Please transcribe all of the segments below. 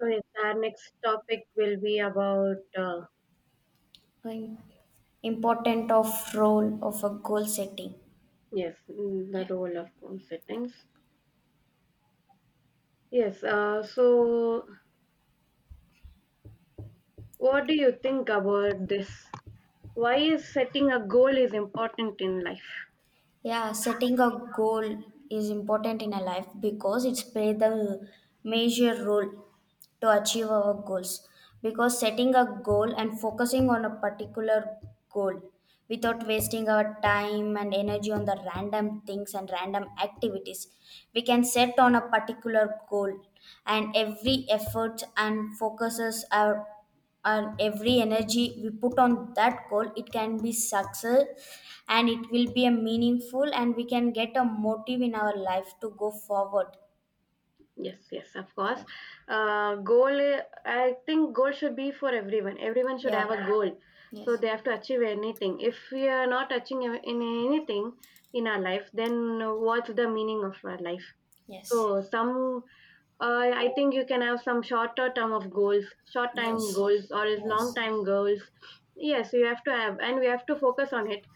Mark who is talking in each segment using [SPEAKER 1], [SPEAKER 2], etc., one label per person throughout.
[SPEAKER 1] So yes, our next topic will be about
[SPEAKER 2] Important of role of a goal setting.
[SPEAKER 1] yes, the role of home settings. Yes. So what do you think about this? Why is setting a goal is important in life?
[SPEAKER 2] Yeah, setting a goal is important in a life because it's play the major role to achieve our goals, because setting a goal and focusing on a particular goal without wasting our time and energy on the random things and random activities, we can set on a particular goal, and every effort and focuses our and every energy we put on that goal, it can be success, and it will be a meaningful, and we can get a motive in our life to go forward.
[SPEAKER 1] Yes, yes, of
[SPEAKER 2] Yeah,
[SPEAKER 1] course. Goal. I think goal should be for everyone. Everyone should
[SPEAKER 2] yeah.
[SPEAKER 1] have a goal, so they have to achieve anything. If we are not achieving in anything in our life, then what's the meaning of our life? So some I think you can have some shorter term of goals, short time
[SPEAKER 2] Yes,
[SPEAKER 1] goals, or is long
[SPEAKER 2] yes,
[SPEAKER 1] time goals. Yes, you have to have, and we have to focus on it.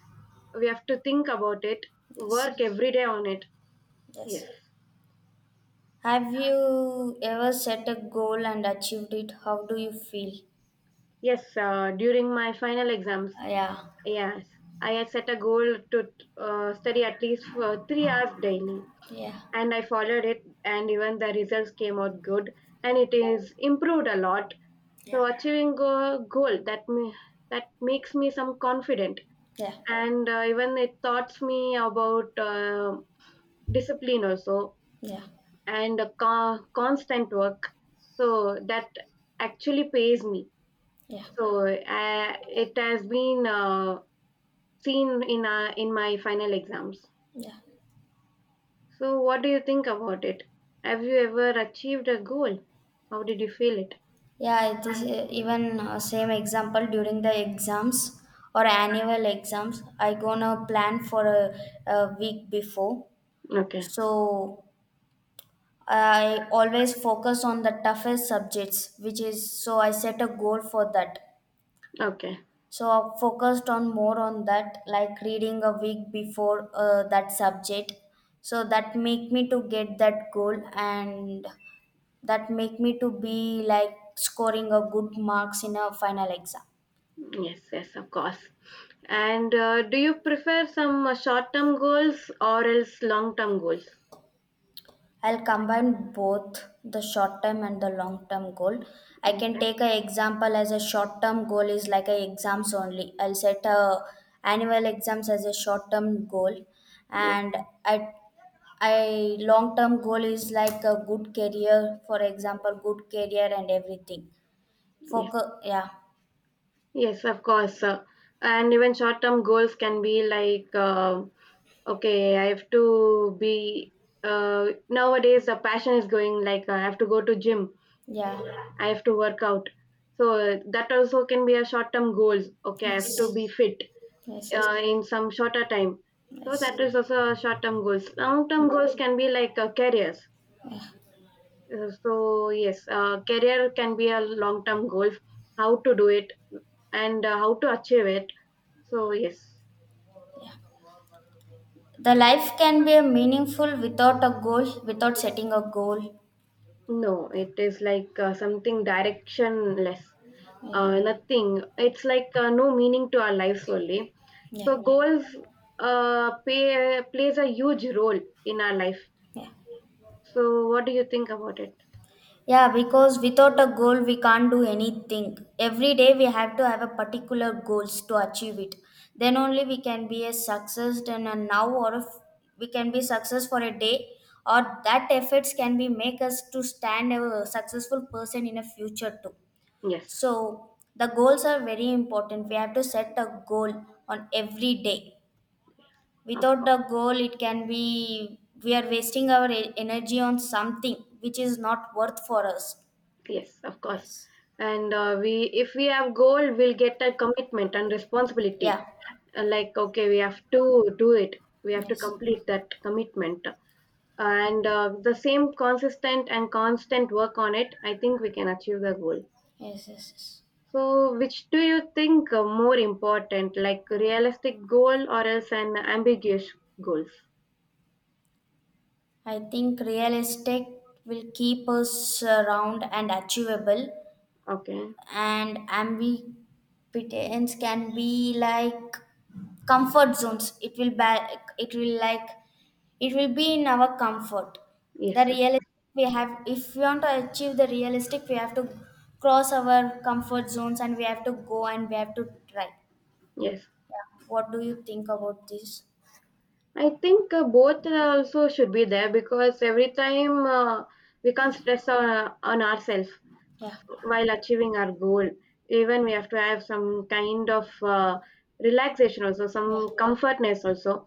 [SPEAKER 1] We have to think about it,
[SPEAKER 2] yes,
[SPEAKER 1] work every day on it.
[SPEAKER 2] yes.
[SPEAKER 1] Yes,
[SPEAKER 2] Have you ever set a goal and achieved it? How do you feel?
[SPEAKER 1] yes. During my final exams,
[SPEAKER 2] Yeah,
[SPEAKER 1] yes, I had set a goal to study at least for 3 hours daily,
[SPEAKER 2] yeah,
[SPEAKER 1] and I followed it. And even the results came out good, and it is improved a lot.
[SPEAKER 2] yeah,
[SPEAKER 1] So achieving a goal that makes me some confident,
[SPEAKER 2] yeah,
[SPEAKER 1] and even it taught me about discipline also,
[SPEAKER 2] yeah,
[SPEAKER 1] and constant work. So that actually pays me.
[SPEAKER 2] yeah,
[SPEAKER 1] So it has been seen in my final exams.
[SPEAKER 2] yeah.
[SPEAKER 1] So what do you think about it? Have you ever achieved a goal? How did you feel it?
[SPEAKER 2] Yeah, it is even same example during the exams or annual exams. I gonna plan for a }week before.
[SPEAKER 1] Okay,
[SPEAKER 2] So I always focus on the toughest subjects, which is so I set a goal for that.
[SPEAKER 1] okay.
[SPEAKER 2] So I focused on more on that, like reading a week before that subject, so that make me to get that goal, and that make me to be like scoring a good marks in a final exam.
[SPEAKER 1] Yes, yes, of course. And do you prefer some short-term goals or else long-term goals?
[SPEAKER 2] I'll combine both the short term and the long term goal. I can
[SPEAKER 1] Okay.
[SPEAKER 2] take an example as a short term goal is like a exams only. I'll set a annual exams as a short term goal,
[SPEAKER 1] Yes,
[SPEAKER 2] and I I long term goal is like a good career, for example, good career and everything.
[SPEAKER 1] yes,
[SPEAKER 2] Focus, yeah,
[SPEAKER 1] yes, of course. And even short-term goals can be like, okay, I have to be. Nowadays, the passion is going like I have to go to gym.
[SPEAKER 2] yeah.
[SPEAKER 1] I have to work out. So that also can be a short-term goals. Okay, I have to be fit, in some shorter time. So that is also short-term goals. Long-term goals can be like careers. So yes, career can be a long-term goal. How to do it and how to achieve it. So yes,
[SPEAKER 2] The life can be meaningful without a goal, without setting a goal.
[SPEAKER 1] no, it is like something directionless. Nothing. It's like no meaning to our lives only. So, yeah, goals plays a huge role in our life. So what do you think about it?
[SPEAKER 2] Yeah, because without a goal, we can't do anything. Every day, we have to have a particular goals to achieve it. Then only we can be a success and a now, or if we can be success for a day, or that efforts can be make us to stand a successful person in a future too.
[SPEAKER 1] Yes,
[SPEAKER 2] So the goals are very important. We have to set a goal on every day.
[SPEAKER 1] yes, of
[SPEAKER 2] Without
[SPEAKER 1] course.
[SPEAKER 2] the goal, it can be we are wasting our e- energy on something which is not worth for us.
[SPEAKER 1] Yes, of course. And if we have goal, we'll get a commitment and
[SPEAKER 2] Yeah.
[SPEAKER 1] responsibility. Like, okay, we have to do it. We have to complete that commitment. And the same consistent and constant work on it, I think we can achieve the goal. So, which do you think more important, like realistic goal or else an ambiguous goals?
[SPEAKER 2] I think realistic will keep us around and achievable,
[SPEAKER 1] Okay.
[SPEAKER 2] and ambivalence can be like comfort zones. It will ba- it will like it will be in our comfort. The
[SPEAKER 1] Yes, sir.
[SPEAKER 2] real we have, if we want to achieve the realistic, we have to cross our comfort zones, and we have to go and we have to try.
[SPEAKER 1] Yes.
[SPEAKER 2] Yeah. What do you think about this?
[SPEAKER 1] I think both also should be there because every time we can't stress on ourselves while achieving our goal. Even we have to have some kind of relaxation also, some comfortness also,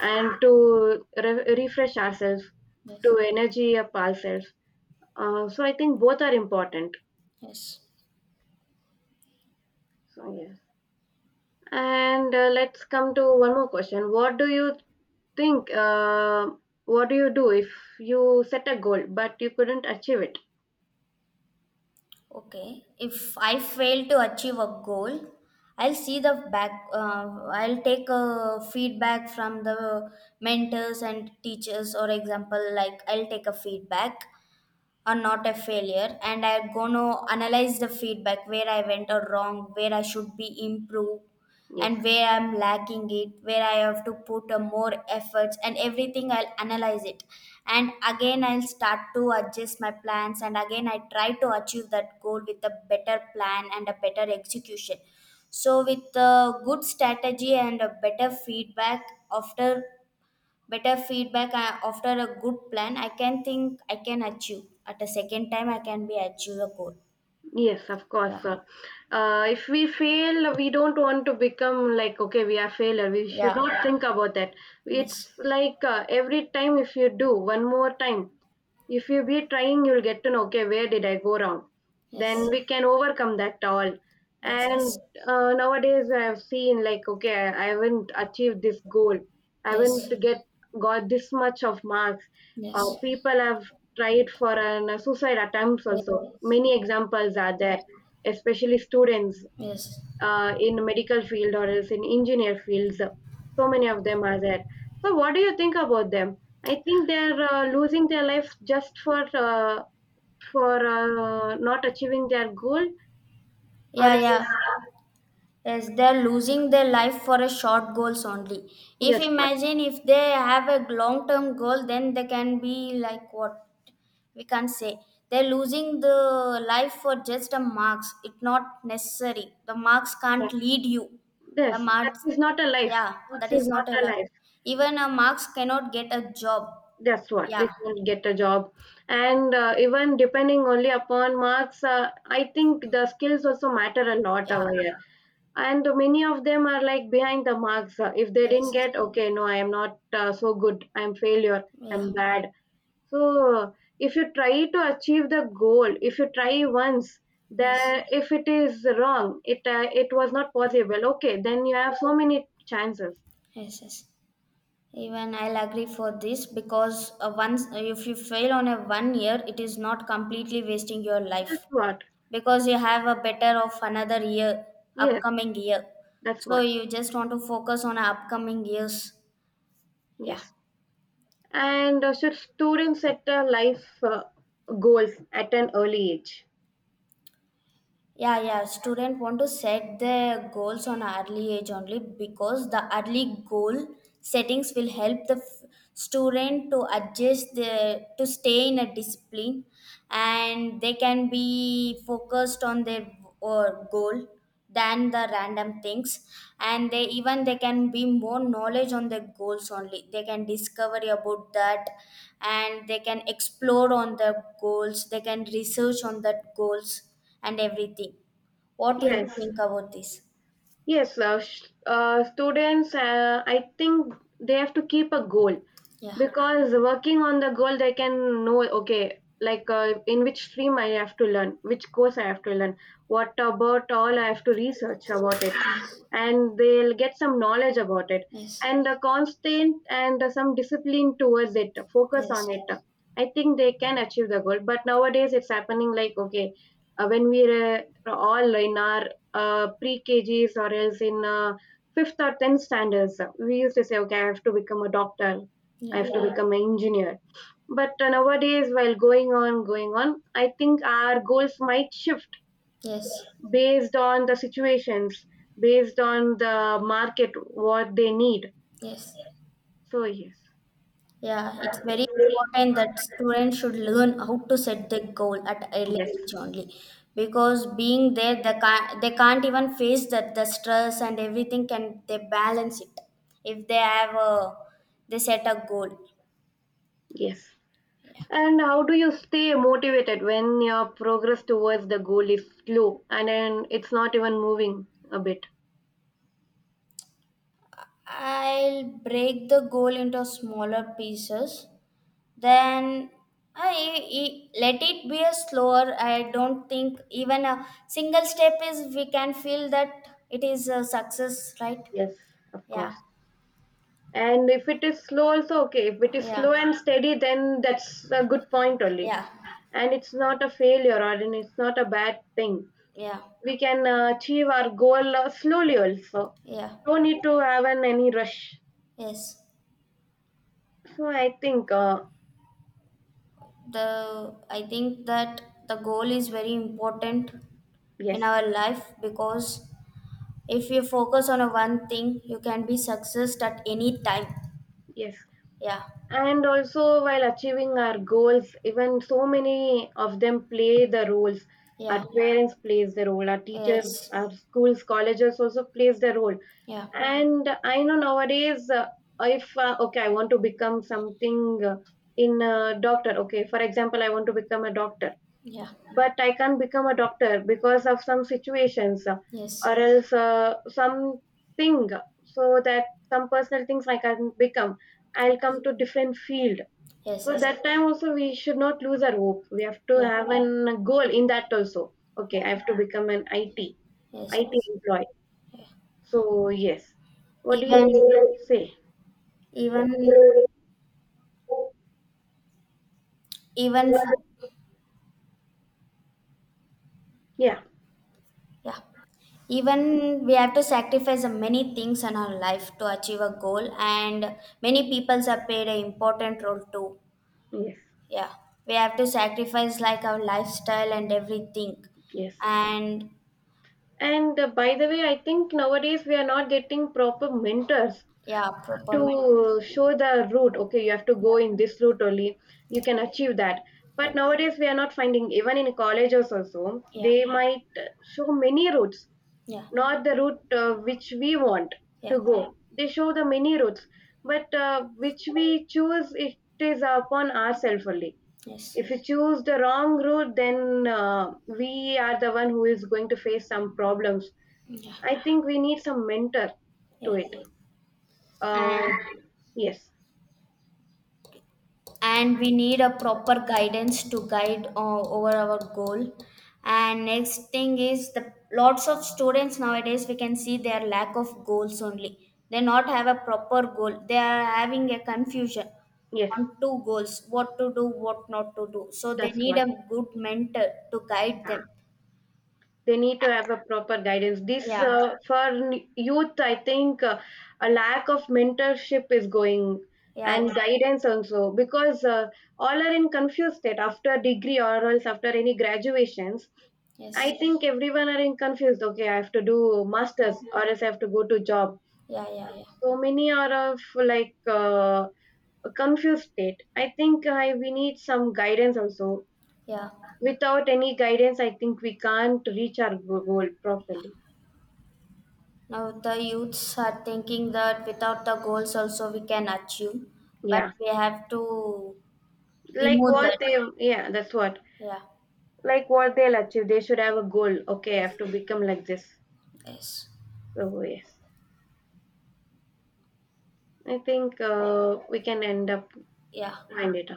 [SPEAKER 1] and to refresh ourselves, to energy up ourselves. So I think both are important. So yes. And let's come to one more question. What do you think what do you do if you set a goal but you couldn't achieve it?
[SPEAKER 2] Okay, if I fail to achieve a goal, I'll see the back, I'll take a feedback from the mentors and teachers, or example, like I'll take a feedback or not a failure, and I'm going to analyze the feedback, where I went or wrong, where I should be improved,
[SPEAKER 1] Yes.
[SPEAKER 2] and where I'm lacking it, where I have to put a more efforts, and everything I'll analyze it. And again, I'll start to adjust my plans, and again I try to achieve that goal with a better plan and a better execution. So with a good strategy and a better feedback, after better feedback after a good plan, I can think I can achieve at a second time, I can be achieve a goal.
[SPEAKER 1] Yes, of course. If we fail, we don't want to become like, okay, we are failure. We should
[SPEAKER 2] Yeah,
[SPEAKER 1] not, yeah, think about that. It's like every time if you do one more time, if you be trying, you'll get to know, okay, where did I go wrong? Then we can overcome that all. And nowadays, I've seen like, okay, I haven't achieved this goal. I haven't get got this much of marks. People have tried for an suicide attempts. Also, many examples are there, especially students in medical field or else in engineer fields. So many of them are there. So what do you think about them? I think they're losing their life just for not achieving their goal, or
[SPEAKER 2] yeah,
[SPEAKER 1] else
[SPEAKER 2] yeah.
[SPEAKER 1] uh,
[SPEAKER 2] Yes, they're losing their life for a short goals only. If
[SPEAKER 1] yes, what.
[SPEAKER 2] imagine, if they have a long term goal, then they can be like, what we can say, they're losing the life for just a marks. It's not necessary, the marks
[SPEAKER 1] Yeah.
[SPEAKER 2] can't lead you. The
[SPEAKER 1] Yes, that
[SPEAKER 2] marks,
[SPEAKER 1] is not a life.
[SPEAKER 2] yeah,
[SPEAKER 1] That
[SPEAKER 2] that
[SPEAKER 1] is
[SPEAKER 2] is
[SPEAKER 1] not
[SPEAKER 2] not
[SPEAKER 1] a
[SPEAKER 2] allowed.
[SPEAKER 1] life.
[SPEAKER 2] Even a marks cannot get a job.
[SPEAKER 1] That's what, we
[SPEAKER 2] Yeah.
[SPEAKER 1] can't get a job, and even depending only upon marks, I think the skills also matter a lot
[SPEAKER 2] Yeah,
[SPEAKER 1] over here. And many of them are like behind the marks. If they didn't get, okay, no, I am not so good. I am failure. I'm bad. So if you try to achieve the goal, if you try once, that if it is wrong, it was not possible. Okay, then you have so many chances.
[SPEAKER 2] even I'll agree for this because once if you fail on a 1 year, it is not completely wasting your
[SPEAKER 1] That's
[SPEAKER 2] life,
[SPEAKER 1] what.
[SPEAKER 2] because you have a better of another year,
[SPEAKER 1] Yes,
[SPEAKER 2] upcoming year.
[SPEAKER 1] that's
[SPEAKER 2] So
[SPEAKER 1] what.
[SPEAKER 2] you just want to focus on upcoming years. Yeah.
[SPEAKER 1] Yes. And should students set a life goals at an early age?
[SPEAKER 2] Yeah, yeah, student want to set their goals on early age only, because the early goal settings will help the f- student to adjust the to stay in a discipline, and they can be focused on their or goal than the random things. And they, even they can be more knowledge on the goals only, they can discover about that, and they can explore on the goals, they can research on that goals and everything. What do you
[SPEAKER 1] Yes.
[SPEAKER 2] think about this?
[SPEAKER 1] Yes, students, I think they have to keep a goal because working on the goal, they can know, okay, like in which stream I have to learn, which course I have to learn, what about all I have to research about it, and they'll get some knowledge about it and a constant and some discipline towards it, focus on it. I think they can achieve the goal, but nowadays it's happening like, okay, when we're all in our pre-KGs or else in fifth or tenth standards, we used to say, okay, I have to become a doctor, I have to, yeah, become an engineer. But nowadays, while going on, I think our goals might shift based on the situations, based on the market, what they need. So, yes,
[SPEAKER 2] Yeah, it's very important that students should learn how to set the goal at early
[SPEAKER 1] yes,
[SPEAKER 2] age only, because being there, they can't even face that the stress and everything. Can they balance it if they have a they set a goal?
[SPEAKER 1] yes. And how do you stay motivated when your progress towards the goal is slow and then it's not even moving a bit?
[SPEAKER 2] I'll break the goal into smaller pieces. Then I, I- let it be a slower. I don't think even a single step is we can feel that it is a success, right?
[SPEAKER 1] Yes. Of
[SPEAKER 2] Yeah.
[SPEAKER 1] course. And if it is slow also, okay, if it is
[SPEAKER 2] Yeah,
[SPEAKER 1] slow and steady, then that's a good point only.
[SPEAKER 2] yeah,
[SPEAKER 1] And it's not a failure, or and it's not a bad thing.
[SPEAKER 2] yeah,
[SPEAKER 1] We can achieve our goal slowly also.
[SPEAKER 2] yeah.
[SPEAKER 1] No need to have an any rush.
[SPEAKER 2] Yes.
[SPEAKER 1] So I think
[SPEAKER 2] The I think that the goal is very important in
[SPEAKER 1] yes,
[SPEAKER 2] our life, because if you focus on a one thing, you can be successed at any time.
[SPEAKER 1] yes.
[SPEAKER 2] Yeah,
[SPEAKER 1] And also, while achieving our goals, even so many of them play the roles.
[SPEAKER 2] yeah,
[SPEAKER 1] Our parents plays the role, our teachers,
[SPEAKER 2] yes.
[SPEAKER 1] our schools, colleges also plays the role. And I know nowadays, if okay, I want to become something in a doctor. Okay, for example, I want to become a doctor, but I can't become a doctor because of some situations, or else something. So that some personal things I can not become. I'll come to different field. So that time also we should not lose our hope. We have to have an goal in that also. Okay, I have to become an IT employee, so, yes. What do
[SPEAKER 2] Even,
[SPEAKER 1] you think? Say?
[SPEAKER 2] even, even for,
[SPEAKER 1] Yeah,
[SPEAKER 2] yeah. Even we have to sacrifice many things in our life to achieve a goal, and many peoples are played an important role too.
[SPEAKER 1] yes,
[SPEAKER 2] Yeah, we have to sacrifice like our lifestyle and everything.
[SPEAKER 1] yes.
[SPEAKER 2] And
[SPEAKER 1] And by the way, I think nowadays we are not getting proper mentors
[SPEAKER 2] yeah, proper men-
[SPEAKER 1] to show the route. Okay, you have to go in this route only, you can achieve that. But nowadays we are not finding, even in colleges also, they might show many routes, not the route which we want to go. They show the many routes, but which we choose, it is upon ourselves only. If you choose the wrong route, then we are the one who is going to face some problems. I think we need some mentor to it.
[SPEAKER 2] and
[SPEAKER 1] uh, yes,
[SPEAKER 2] and we need a proper guidance to guide over our goal. And next thing is, the lots of students nowadays, we can see their lack of goals only, they not have a proper goal, they are having a confusion
[SPEAKER 1] yes,
[SPEAKER 2] on two goals, what to do, what not to do. So they
[SPEAKER 1] that's
[SPEAKER 2] need
[SPEAKER 1] what.
[SPEAKER 2] a good mentor to guide them.
[SPEAKER 1] They need to have a proper guidance this
[SPEAKER 2] Yeah,
[SPEAKER 1] for youth. I think a lack of mentorship is going
[SPEAKER 2] yeah.
[SPEAKER 1] and guidance also, because all are in confused state after degree or else after any graduations. I think everyone are in confused. Okay, I have to do masters or else I have to go to job. So many are of like a confused state. I think we need some guidance also. Without any guidance, I think we can't reach our goal properly.
[SPEAKER 2] Now, the youths are thinking that without the goals also we can achieve, but
[SPEAKER 1] Yeah,
[SPEAKER 2] we have to
[SPEAKER 1] like
[SPEAKER 2] remove
[SPEAKER 1] what
[SPEAKER 2] that
[SPEAKER 1] they, yeah, that's what, like what they'll achieve. They should have a goal. Okay, I have to become like this. So yes, I think we can end up find it.